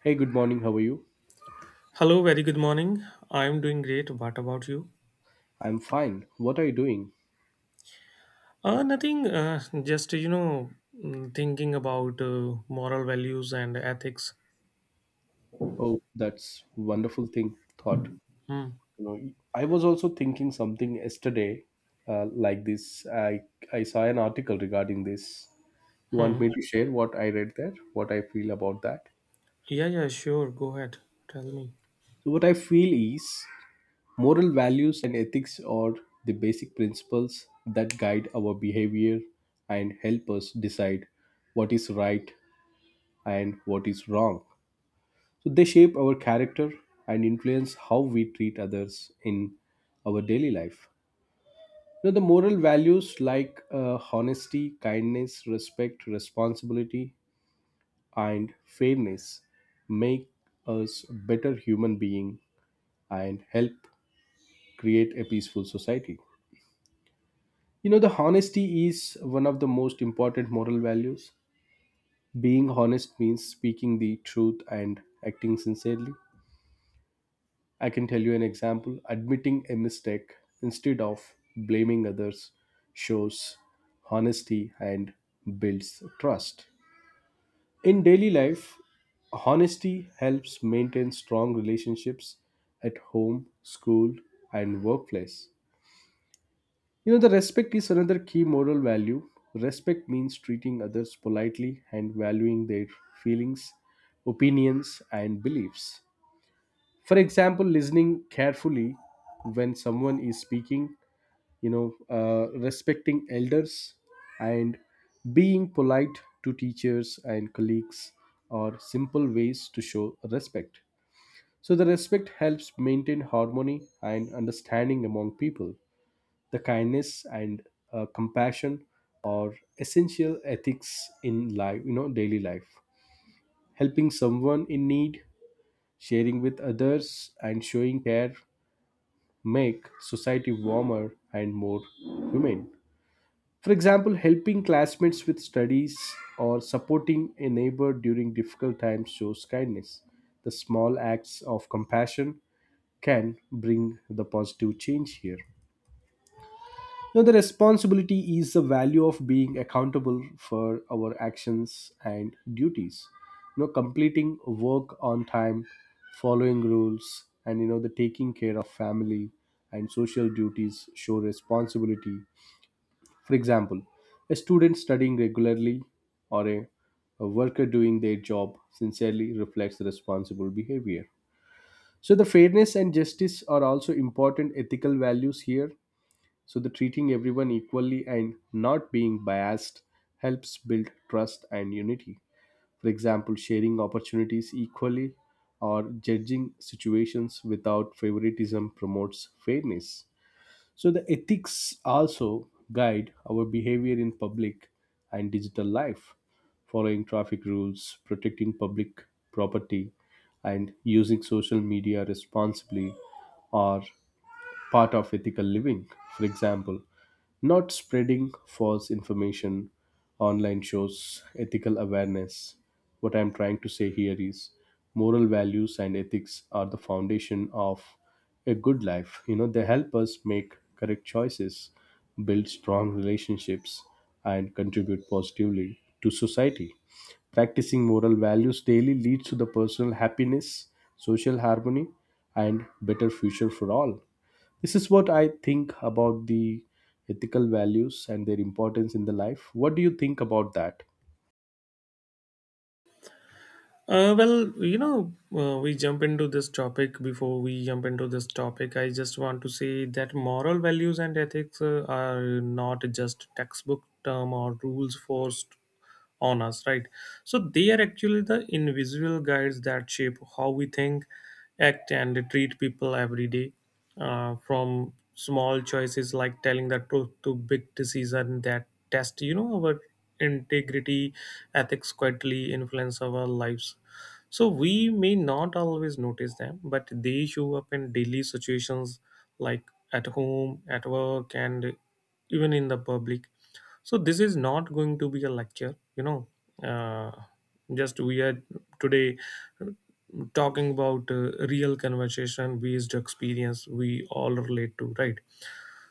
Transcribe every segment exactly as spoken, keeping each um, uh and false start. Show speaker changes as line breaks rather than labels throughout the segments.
Hey, good morning. How are you?
Hello, very good morning. I'm doing great. What about you?
I'm fine. What are you doing?
Uh, nothing, uh, just, you know, mm, thinking about uh, moral values and ethics.
Oh, that's wonderful thing thought.
Hmm.
You know, I was also thinking something yesterday, uh, like this. I I saw an article regarding this. You want
Hmm.
me to share what I read there? What I feel about that?
Yeah, yeah, sure. Go ahead. Tell me.
So what I feel is moral values and ethics are the basic principles that guide our behavior and help us decide what is right and what is wrong. So they shape our character and influence how we treat others in our daily life. You know, the moral values like uh, honesty, kindness, respect, responsibility, and fairness make us better human being and help create a peaceful society. You know, the honesty is one of the most important moral values. Being honest means speaking the truth and acting sincerely. I can tell you an example: admitting a mistake instead of blaming others shows honesty and builds trust. In daily life, honesty helps maintain strong relationships at home, school, and workplace. You know, the respect is another key moral value. Respect means treating others politely and valuing their feelings, opinions, and beliefs. For example, listening carefully when someone is speaking, you know, uh, respecting elders and being polite to teachers and colleagues are simple ways to show respect. So the respect helps maintain harmony and understanding among people. The kindness and uh, compassion are essential ethics in life, you know, daily life. Helping someone in need, sharing with others, and showing care make society warmer and more humane. For example, helping classmates with studies or supporting a neighbor during difficult times shows kindness. The small acts of compassion can bring the positive change here. Know, the responsibility is the value of being accountable for our actions and duties. You know, completing work on time, following rules, and you know, the taking care of family and social duties show responsibility. For example, a student studying regularly or a, a worker doing their job sincerely reflects responsible behavior. So, the fairness and justice are also important ethical values here. So, the treating everyone equally and not being biased helps build trust and unity. For example, sharing opportunities equally or judging situations without favoritism promotes fairness. So, the ethics also guide our behavior in public and digital life. Following traffic rules, protecting public property, and using social media responsibly are part of ethical living. For example, not spreading false information online shows ethical awareness. What I'm trying to say here is moral values and ethics are the foundation of a good life. You know, they help us make correct choices, build strong relationships, and contribute positively to society. Practicing moral values daily leads to the personal happiness, social harmony, and better future for all. This is what I think about the ethical values and their importance in the life. What do you think about that?
Uh, well, you know, uh, we jump into this topic. Before we jump into this topic, I just want to say that moral values and ethics uh, are not just textbook term or rules forced on us, right? So they are actually the invisible guides that shape how we think, act, and treat people every day, uh, from small choices like telling the truth to big decision that test you know our integrity. Ethics quietly influence our lives. So we may not always notice them, but they show up in daily situations like at home, at work, and even in the public. So this is not going to be a lecture, you know uh, just we are today talking about uh, real conversation based experience we all relate to, right?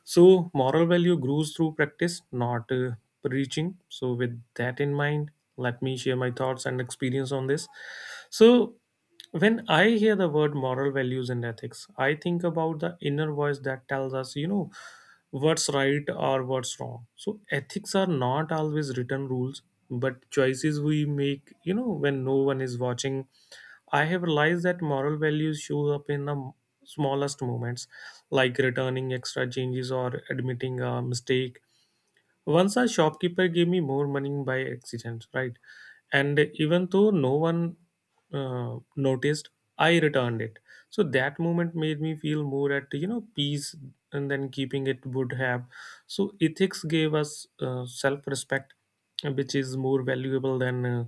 So moral value grows through practice, not uh, preaching. So with that in mind, let me share my thoughts and experience on this. So when I hear the word moral values and ethics, I think about the inner voice that tells us you know what's right or what's wrong. So ethics are not always written rules but choices we make you know when no one is watching. I have realized that moral values show up in the smallest moments like returning extra changes or admitting a mistake. Once a shopkeeper gave me more money by accident, right? And even though no one uh, noticed, I returned it. So that moment made me feel more at you know peace, and then keeping it would have. So ethics gave us uh, self-respect, uh, which is more valuable than uh,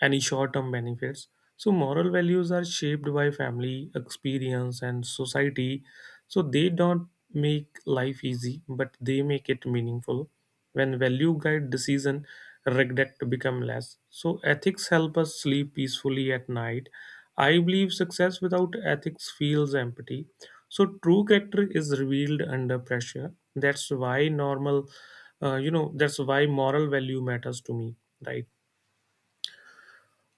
any short-term benefits. So moral values are shaped by family experience and society. So they don't make life easy, but they make it meaningful. When value guide decision, regret become less. So ethics help us sleep peacefully at night. I believe success without ethics feels empty. So true character is revealed under pressure. That's why normal, uh, you know, that's why moral value matters to me, right?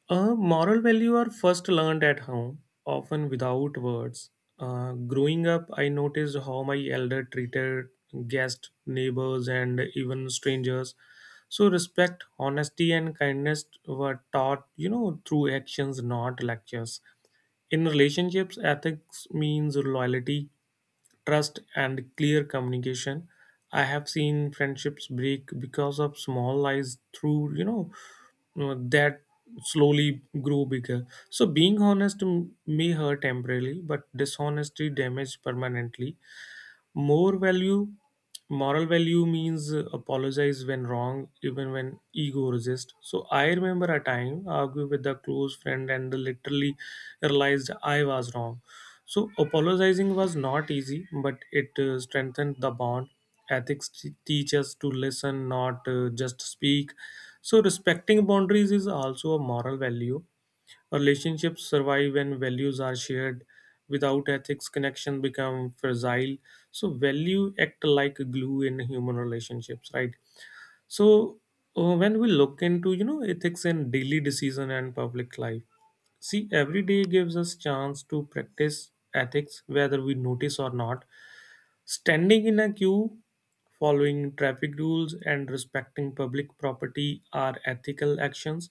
Uh, moral value are first learned at home, often without words. Uh, growing up, I noticed how my elder treated guests, neighbors, and even strangers. So respect, honesty, and kindness were taught, you know, through actions, not lectures. In relationships, ethics means loyalty, trust, and clear communication. I have seen friendships break because of small lies through, you know, uh, that slowly grew bigger. So being honest m- may hurt temporarily, but dishonesty damage permanently. More value, moral value means uh, apologize when wrong, even when ego resists. So I remember a time argue with a close friend and literally realized I was wrong. So apologizing was not easy, but it uh, strengthened the bond. Ethics t- teach us to listen, not uh, just speak. So respecting boundaries is also a moral value. Relationships survive when values are shared. Without ethics, connection become fragile. So value act like glue in human relationships, right? So uh, when we look into you know ethics in daily decision and public life, see every day gives us chance to practice ethics whether we notice or not. Standing in a queue, following traffic rules, and respecting public property are ethical actions.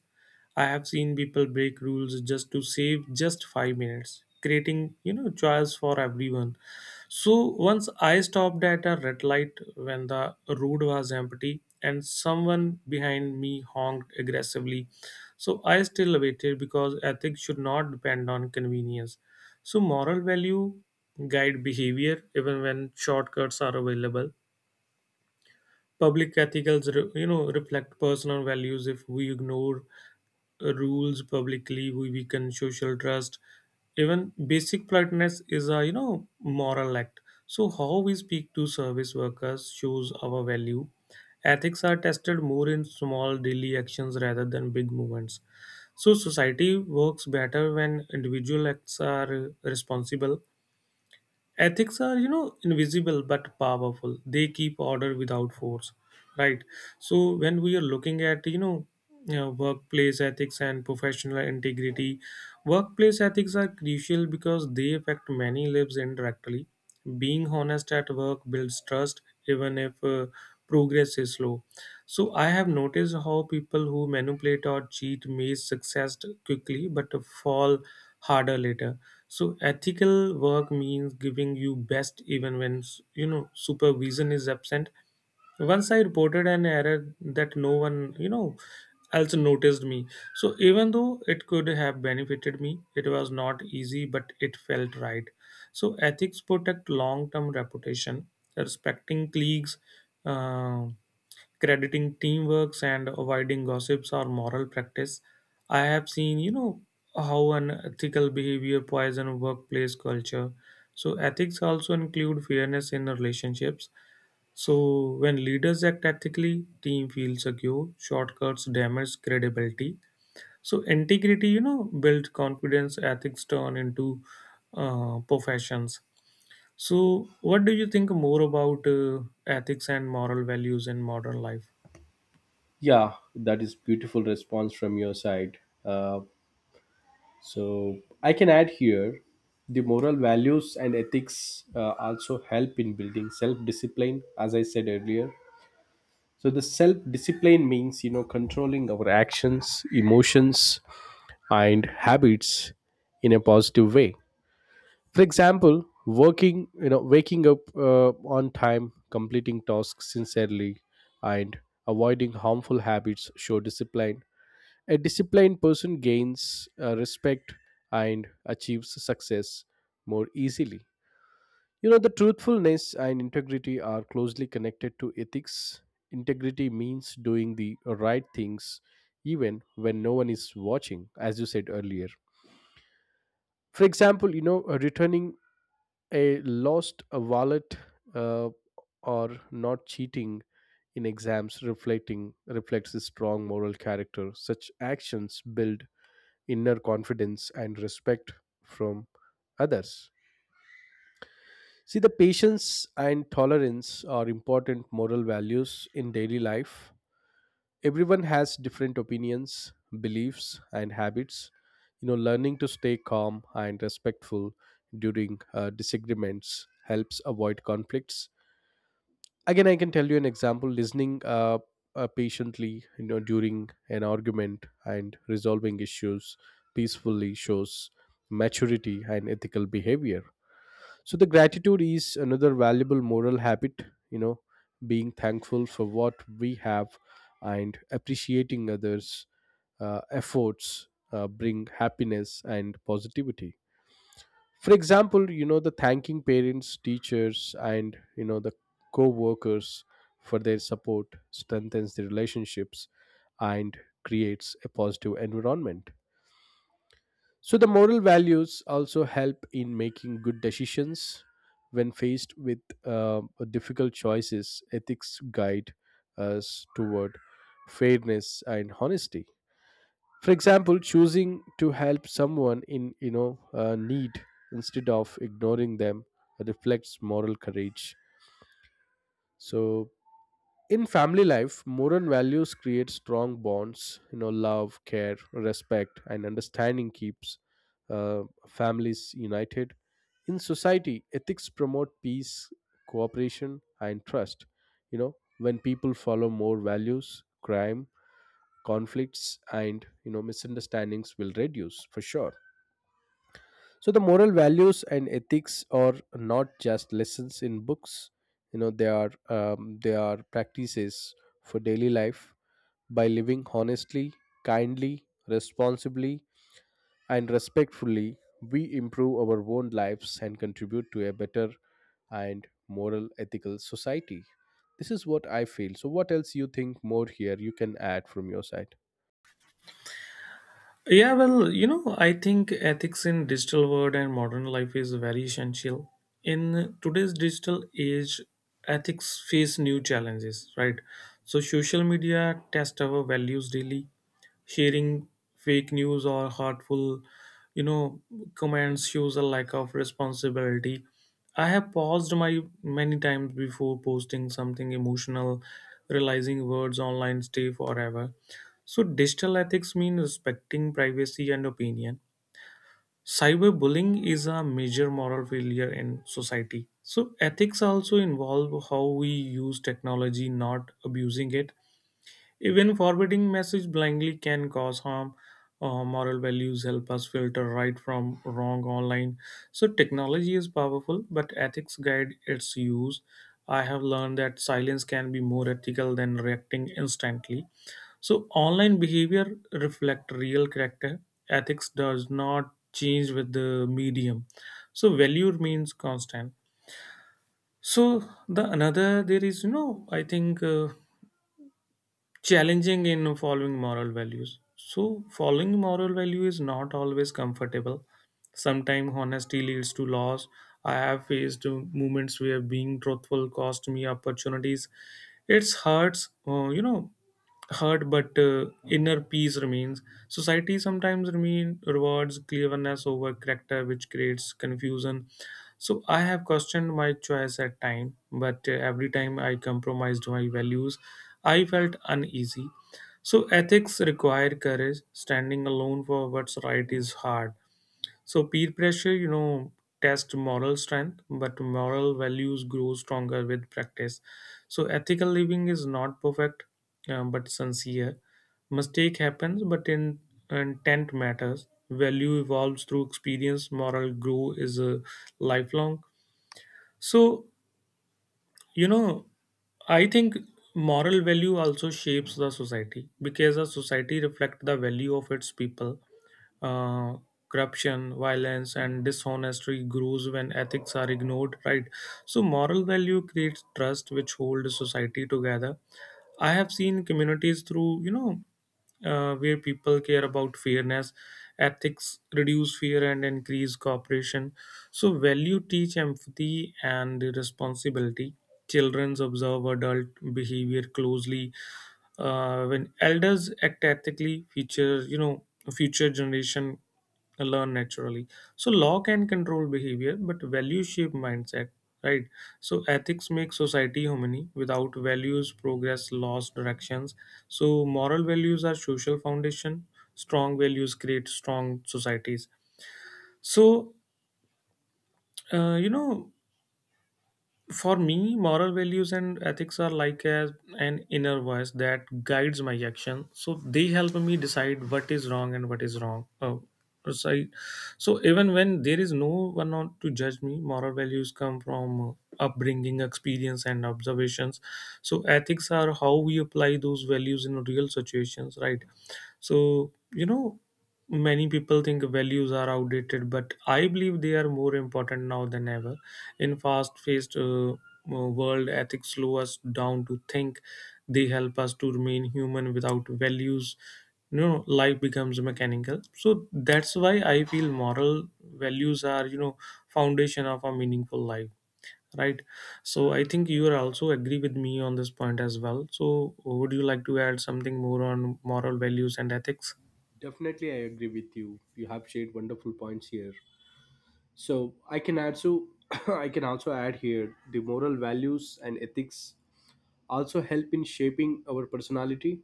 I have seen people break rules just to save just five minutes, creating you know choice for everyone. So once I stopped at a red light when the road was empty and someone behind me honked aggressively. So I still waited because ethics should not depend on convenience. So, moral value guide behavior even when shortcuts are available. Public ethicals, re- you know, reflect personal values. If we ignore uh, rules publicly, we weaken social trust. Even basic politeness is a you know moral act. So, how we speak to service workers shows our value. Ethics are tested more in small daily actions rather than big movements. So, society works better when individual acts are uh, responsible. Ethics are you know invisible but powerful. They keep order without force, right? So when we are looking at you know you workplace ethics and professional integrity, workplace ethics are crucial because they affect many lives indirectly. Being honest at work builds trust even if uh, progress is slow. So I have noticed how people who manipulate or cheat may success quickly, but fall harder later. So ethical work means giving you best even when you know supervision is absent. Once I reported an error that no one you know else noticed me. So even though it could have benefited me, it was not easy, but it felt right. So ethics protect long-term reputation, respecting colleagues. Uh, crediting teamworks and avoiding gossips or moral practice. I have seen, you know, how unethical behavior poison workplace culture. So ethics also include fairness in relationships. So when leaders act ethically, team feels secure. Shortcuts damage credibility. So integrity, you know, build confidence. Ethics turn into uh, professions. So what do you think more about uh, ethics and moral values in modern life?
Yeah, that is beautiful response from your side. Uh, so I can add here the moral values and ethics uh, also help in building self-discipline as I said earlier. So the self-discipline means, you know, controlling our actions, emotions, and habits in a positive way. For example, working, you know, waking up uh, on time, completing tasks sincerely, and avoiding harmful habits show discipline. A disciplined person gains uh, respect and achieves success more easily. You know, the truthfulness and integrity are closely connected to ethics. Integrity means doing the right things even when no one is watching, as you said earlier. For example, you know, returning a lost a wallet, uh, or not cheating in exams reflecting reflects a strong moral character. Such actions build inner confidence and respect from others. See, the patience and tolerance are important moral values in daily life. Everyone has different opinions, beliefs, and habits. You know, learning to stay calm and respectful during uh, disagreements helps avoid conflicts. Again, I can tell you an example: listening uh, uh, patiently, you know, during an argument and resolving issues peacefully shows maturity and ethical behavior. So the gratitude is another valuable moral habit. You know, being thankful for what we have and appreciating others' uh, efforts uh, bring happiness and positivity. For example, you know, the thanking parents, teachers, and you know, the co-workers for their support strengthens the relationships and creates a positive environment. So the moral values also help in making good decisions. When faced with uh, difficult choices, ethics guide us toward fairness and honesty. For example, choosing to help someone in, you know, uh, need instead of ignoring them reflects moral courage. So in family life, moral values create strong bonds. You know, love, care, respect, and understanding keeps uh, families united. In society, ethics promote peace, cooperation, and trust. You know, when people follow more values, crime, conflicts, and you know, misunderstandings will reduce for sure. So the moral values and ethics are not just lessons in books. You know, they are um, they are practices for daily life. By living honestly, kindly, responsibly, and respectfully, we improve our own lives and contribute to a better and moral ethical society. This is what I feel. So, what else you think more here you can add from your side?
Yeah, well, you know, I think ethics in digital world and modern life is very essential. In today's digital age, ethics face new challenges, right? So social media test our values daily, sharing fake news or hurtful you know comments shows a lack of responsibility. I have paused my many times before posting something emotional, realizing words online stay forever. So digital ethics mean respecting privacy and opinion. Cyberbullying is a major moral failure in society. So ethics also involve how we use technology, not abusing it. Even forwarding message blindly can cause harm. Uh, moral values help us filter right from wrong online. So technology is powerful, but ethics guide its use. I have learned that silence can be more ethical than reacting instantly. So online behavior reflect real character. Ethics does not change with the medium. So value remains constant. So the another there is you know I think uh, challenging in following moral values. So, following moral value is not always comfortable. Sometimes honesty leads to loss. I have faced uh, moments where being truthful cost me opportunities. It hurts, uh, you know, hurt, but uh, inner peace remains. Society sometimes remain rewards cleverness over character, which creates confusion. So I have questioned my choice at time, but uh, every time I compromised my values, I felt uneasy. So ethics require courage. Standing alone for what's right is hard. So peer pressure, you know, tests moral strength, but moral values grow stronger with practice. So ethical living is not perfect, uh, but sincere. Mistake happens, but in intent matters. Value evolves through experience. Moral grow is a lifelong. So you know, I think moral value also shapes the society because a society reflects the value of its people, uh, corruption, violence, and dishonesty grows when ethics are ignored, right? So, moral value creates trust, which holds society together. I have seen communities through, you know, uh, where people care about fairness, ethics reduce fear and increase cooperation. So, value teach empathy and responsibility. Children observe adult behavior closely. Uh, when elders act ethically, future, you know, future generation learn naturally. So law can control behavior, but values shape mindset, right? So ethics make society harmony. Without values, progress lost directions. So moral values are social foundation. Strong values create strong societies. So uh, you know for me, moral values and ethics are like as an inner voice that guides my action. So they help me decide what is wrong and what is wrong, uh, right. So even when there is no one out to judge me, moral values come from uh, upbringing experience and observations. So ethics are how we apply those values in real situations, right? So you know many people think values are outdated, but I believe they are more important now than ever. In fast paced uh, uh, world, ethics slow us down to think. They help us to remain human. Without values you know life becomes mechanical. So that's why I feel moral values are you know foundation of a meaningful life, right? So I think you are also agree with me on this point as well. So would you like to add something more on moral values and ethics?
Definitely, I agree with you. You have shared wonderful points here. So I can add, so I can also add here the moral values and ethics also help in shaping our personality.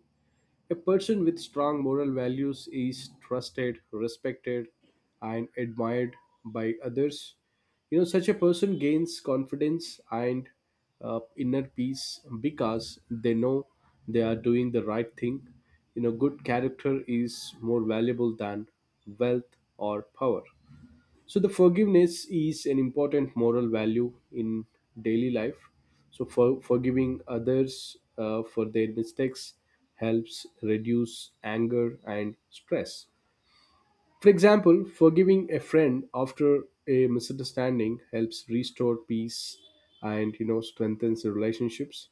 A person with strong moral values is trusted, respected, and admired by others. You know, such a person gains confidence and uh, inner peace because they know they are doing the right thing. You know, good character is more valuable than wealth or power. So the forgiveness is an important moral value in daily life. So for forgiving others uh, for their mistakes helps reduce anger and stress. For example, forgiving a friend after a misunderstanding helps restore peace and you know strengthens the relationships.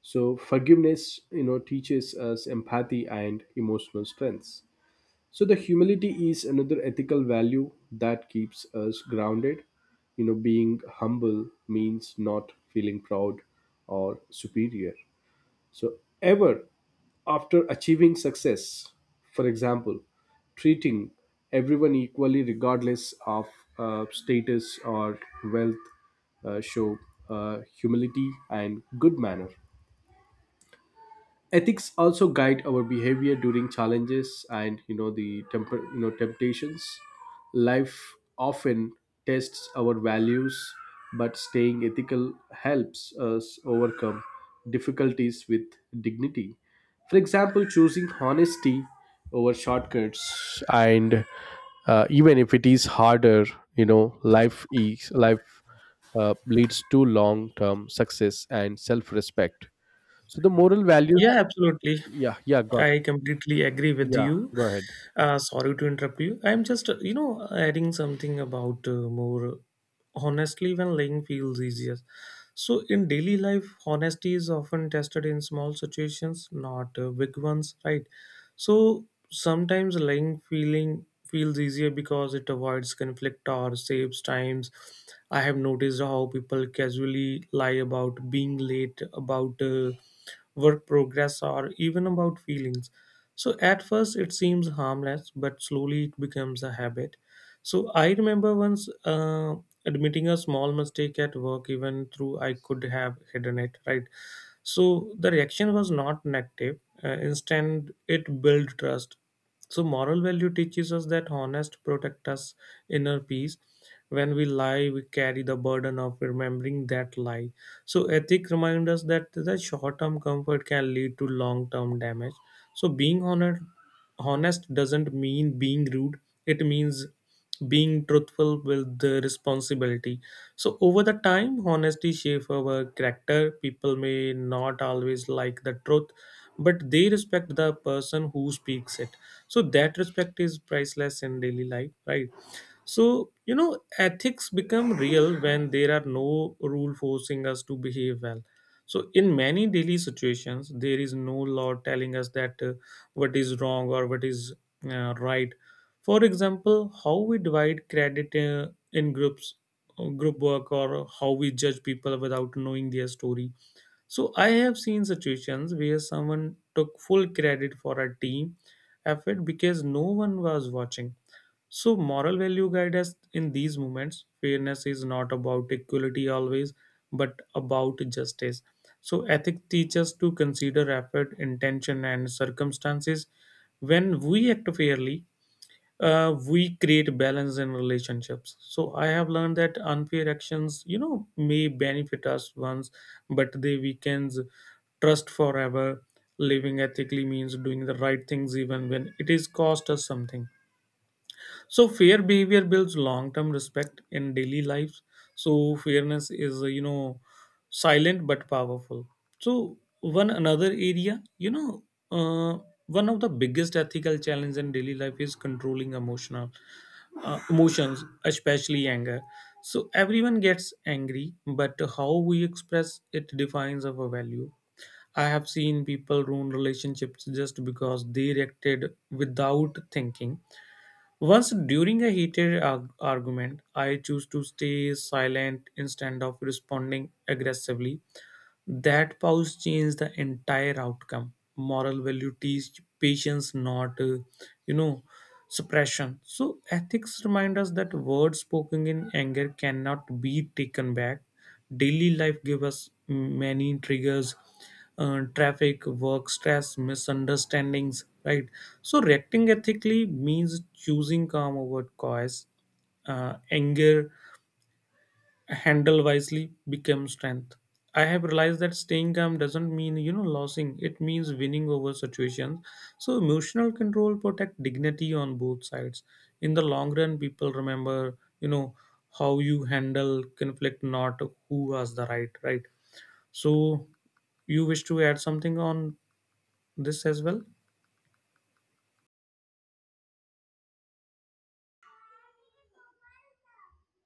So forgiveness, you know, teaches us empathy and emotional strength. So the humility is another ethical value that keeps us grounded. You know, being humble means not feeling proud or superior. So ever after achieving success, for example, treating everyone equally regardless of uh, status or wealth uh, show uh, humility and good manner. Ethics also guide our behavior during challenges and you know the temper, you know, temptations. Life often tests our values, but staying ethical helps us overcome difficulties with dignity. For example, choosing honesty over shortcuts and uh, even if it is harder, you know, life is life, uh, leads to long-term success and self-respect. So the moral values.
Yeah, absolutely.
Yeah, yeah, got it.
I completely agree with
Yeah,
you.
go ahead.
Uh, sorry to interrupt you. I'm just, uh, you know, adding something about uh, more honestly when lying feels easier. So, in daily life, honesty is often tested in small situations, not uh, big ones, right? So, sometimes lying feeling feels easier because it avoids conflict or saves times. I have noticed how people casually lie about being late, about uh, work progress, or even about feelings. So at first it seems harmless, but slowly it becomes a habit. So I remember once uh, admitting a small mistake at work, even though I could have hidden it, right? So the reaction was not negative. Uh, instead, it built trust. So moral value teaches us that honest protect us inner peace. When we lie, we carry the burden of remembering that lie. So ethic remind us that the short-term comfort can lead to long-term damage, so being honest honest doesn't mean being rude, it means being truthful with the responsibility. So over the time honesty shape our character. People may not always like the truth, but they respect the person who speaks it. So that respect is priceless in daily life, right? So, you know, ethics become real when there are no rule forcing us to behave well. So, in many daily situations, there is no law telling us that uh, what is wrong or what is uh, right. For example, how we divide credit uh, in groups, uh, group work, or how we judge people without knowing their story. So, I have seen situations where someone took full credit for a team effort because no one was watching. So, moral value guide us in these moments. Fairness is not about equality always, but about justice. So, ethics teach us to consider effort, intention, and circumstances. When we act fairly, uh, we create balance in relationships. So, I have learned that unfair actions, you know, may benefit us once, but they weakens trust forever. Living ethically means doing the right things even when it is cost us something. So fair behavior builds long term respect in daily lives. So fairness is uh, you know silent but powerful. So one another area, you know uh, one of the biggest ethical challenge in daily life is controlling emotional uh, emotions, especially anger. So everyone gets angry, but how we express it defines our value. I have seen people ruin relationships just because they reacted without thinking. Once during a heated arg- argument, I choose to stay silent instead of responding aggressively. That pause changed the entire outcome. Moral value teach patience, not uh, you know suppression. So ethics remind us that words spoken in anger cannot be taken back. Daily life give us many triggers, uh, traffic, work stress, misunderstandings. Right. So reacting ethically means choosing calm over cause uh, anger. Handle wisely become strength. I have realized that staying calm doesn't mean, you know, losing. It means winning over situations. So emotional control protect dignity on both sides. In the long run, people remember, you know, how you handle conflict, not who was the right, right? So you wish to add something on this as well?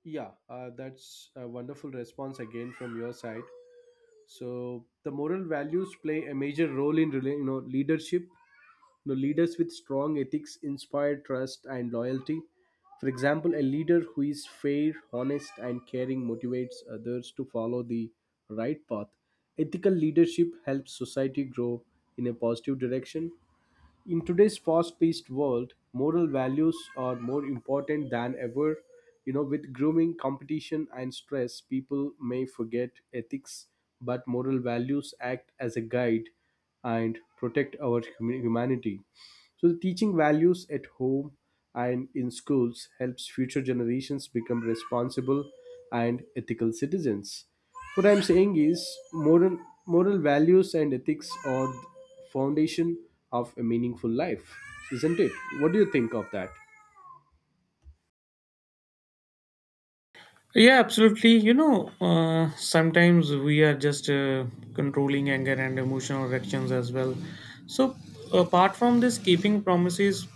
Yeah, uh, that's a wonderful response again from your side. So the moral values play a major role in rela- you know, leadership. You know, leaders with strong ethics inspire trust and loyalty. For example, a leader who is fair, honest, and caring motivates others to follow the right path. Ethical leadership helps society grow in a positive direction. In today's fast-paced world, moral values are more important than ever. You know, with grooming, competition, and stress, people may forget ethics, but moral values act as a guide and protect our hum- humanity. So, the teaching values at home and in schools helps future generations become responsible and ethical citizens. What I'm saying is, moral, moral values and ethics are the foundation of a meaningful life, isn't it? What do you think of that?
Yeah, absolutely. You know, uh, sometimes we are just uh, controlling anger and emotional reactions as well. So, apart from this, keeping promises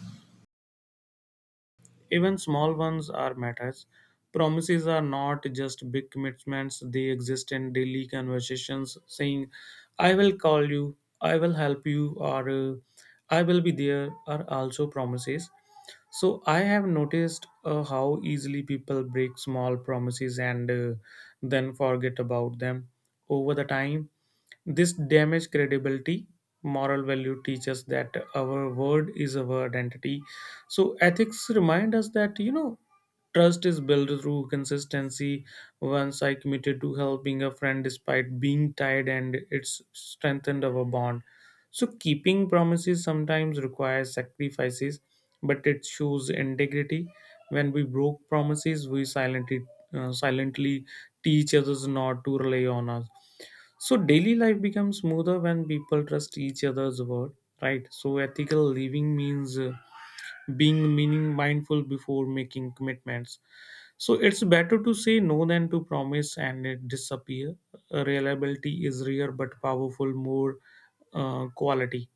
even small ones are matters. Promises are not just big commitments, they exist in daily conversations saying, I will call you, I will help you, or uh, I will be there are also promises. So I have noticed uh, how easily people break small promises and uh, then forget about them over the time this damage credibility. Moral value teaches that our word is our identity. So ethics remind us that you know trust is built through consistency. Once I committed to helping a friend despite being tired, and it's strengthened our bond. So keeping promises sometimes requires sacrifices, but it shows integrity. When we broke promises, we silently uh, silently teach others not to rely on us. So daily life becomes smoother when people trust each other's word, right? So ethical living means uh, being meaning mindful before making commitments. So it's better to say no than to promise and it disappear. Uh, Reliability is rare but powerful, more uh, quality.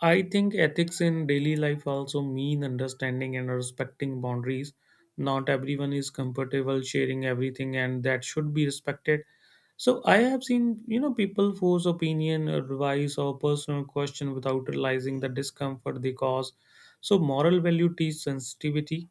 I think ethics in daily life also mean understanding and respecting boundaries. Not everyone is comfortable sharing everything, and that should be respected. So I have seen, you know, people force opinion, advice, or personal question without realizing the discomfort they cause. So moral value teach sensitivity.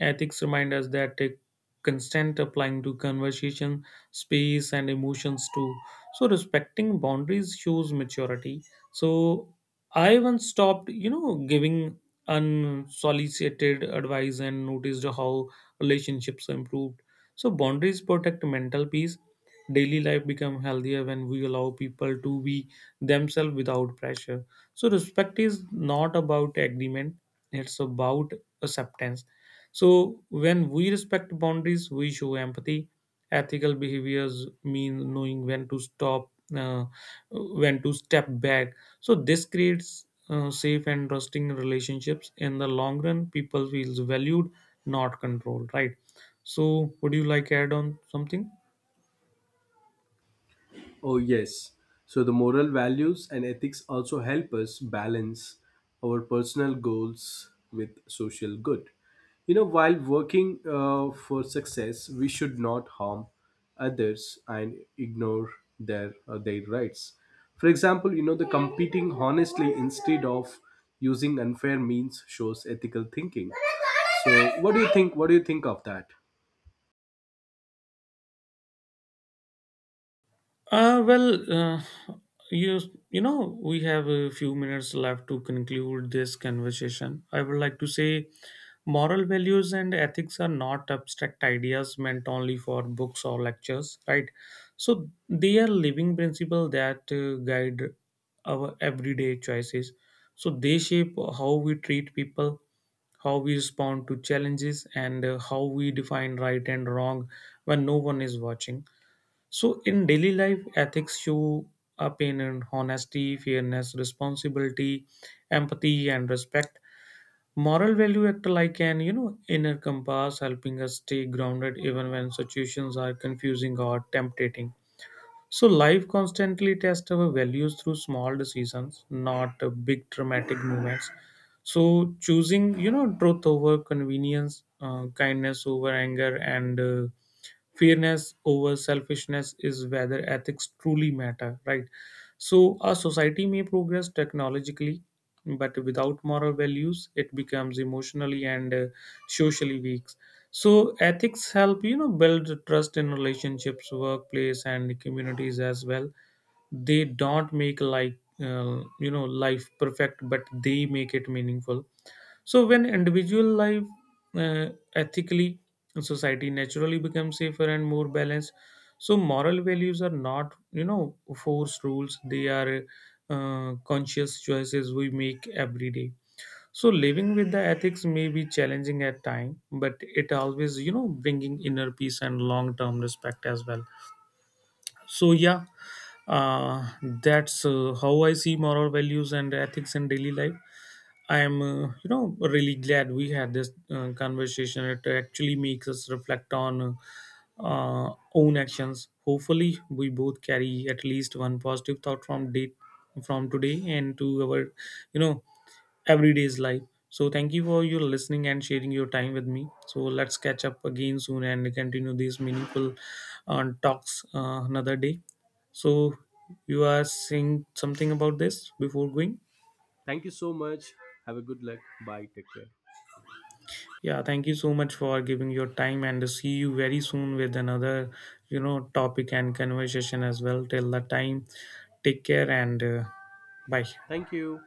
Ethics remind us that a consent applying to conversation, space, and emotions too. So respecting boundaries shows maturity. So I once stopped, you know, giving unsolicited advice and noticed how relationships improved. So boundaries protect mental peace. Daily life become healthier when we allow people to be themselves without pressure. So respect is not about agreement; it's about acceptance. So when we respect boundaries, we show empathy. Ethical behaviors mean knowing when to stop, uh, when to step back. So this creates uh, safe and trusting relationships. In the long run, people feels valued, not controlled. Right. So would you like add on something?
Oh, yes. So the moral values and ethics also help us balance our personal goals with social good. You know, while working uh, for success, we should not harm others and ignore their uh, their rights. For example, you know, the competing honestly instead of using unfair means shows ethical thinking. So, what do you think? What do you think of that?
Uh, well, uh, you you know we have a few minutes left to conclude this conversation. I would like to say, moral values and ethics are not abstract ideas meant only for books or lectures, right? So they are living principles that uh, guide our everyday choices. So they shape how we treat people, how we respond to challenges, and uh, how we define right and wrong when no one is watching. So, in daily life, ethics show up in honesty, fairness, responsibility, empathy, and respect. Moral value act like an you know inner compass, helping us stay grounded even when situations are confusing or tempting. So, life constantly tests our values through small decisions, not uh, big dramatic movements. So, choosing you know truth over convenience, uh, kindness over anger, and uh, fairness over selfishness is whether ethics truly matter, right? So a society may progress technologically, but without moral values it becomes emotionally and uh, socially weak. So ethics help you know build trust in relationships, workplace, and communities as well. They don't make like uh, you know life perfect, but they make it meaningful. So when individual life uh, ethically, society naturally becomes safer and more balanced. So moral values are not, you know, forced rules. They are uh, conscious choices we make every day. So living with the ethics may be challenging at time, but it always, you know, bringing inner peace and long-term respect as well. So yeah, uh, that's uh, how I see moral values and ethics in daily life. I'm, uh, you know, really glad we had this uh, conversation. It actually makes us reflect on uh, uh, own actions. Hopefully, we both carry at least one positive thought from day, from today and to our, you know, everyday's life. So thank you for your listening and sharing your time with me. So let's catch up again soon and continue these meaningful uh, talks uh, another day. So you are saying something about this before going?
Thank you so much. Have a good luck. Bye. Take care.
Yeah, thank you so much for giving your time and see you very soon with another, you know, topic and conversation as well. Till that time, take care and uh, bye.
Thank you.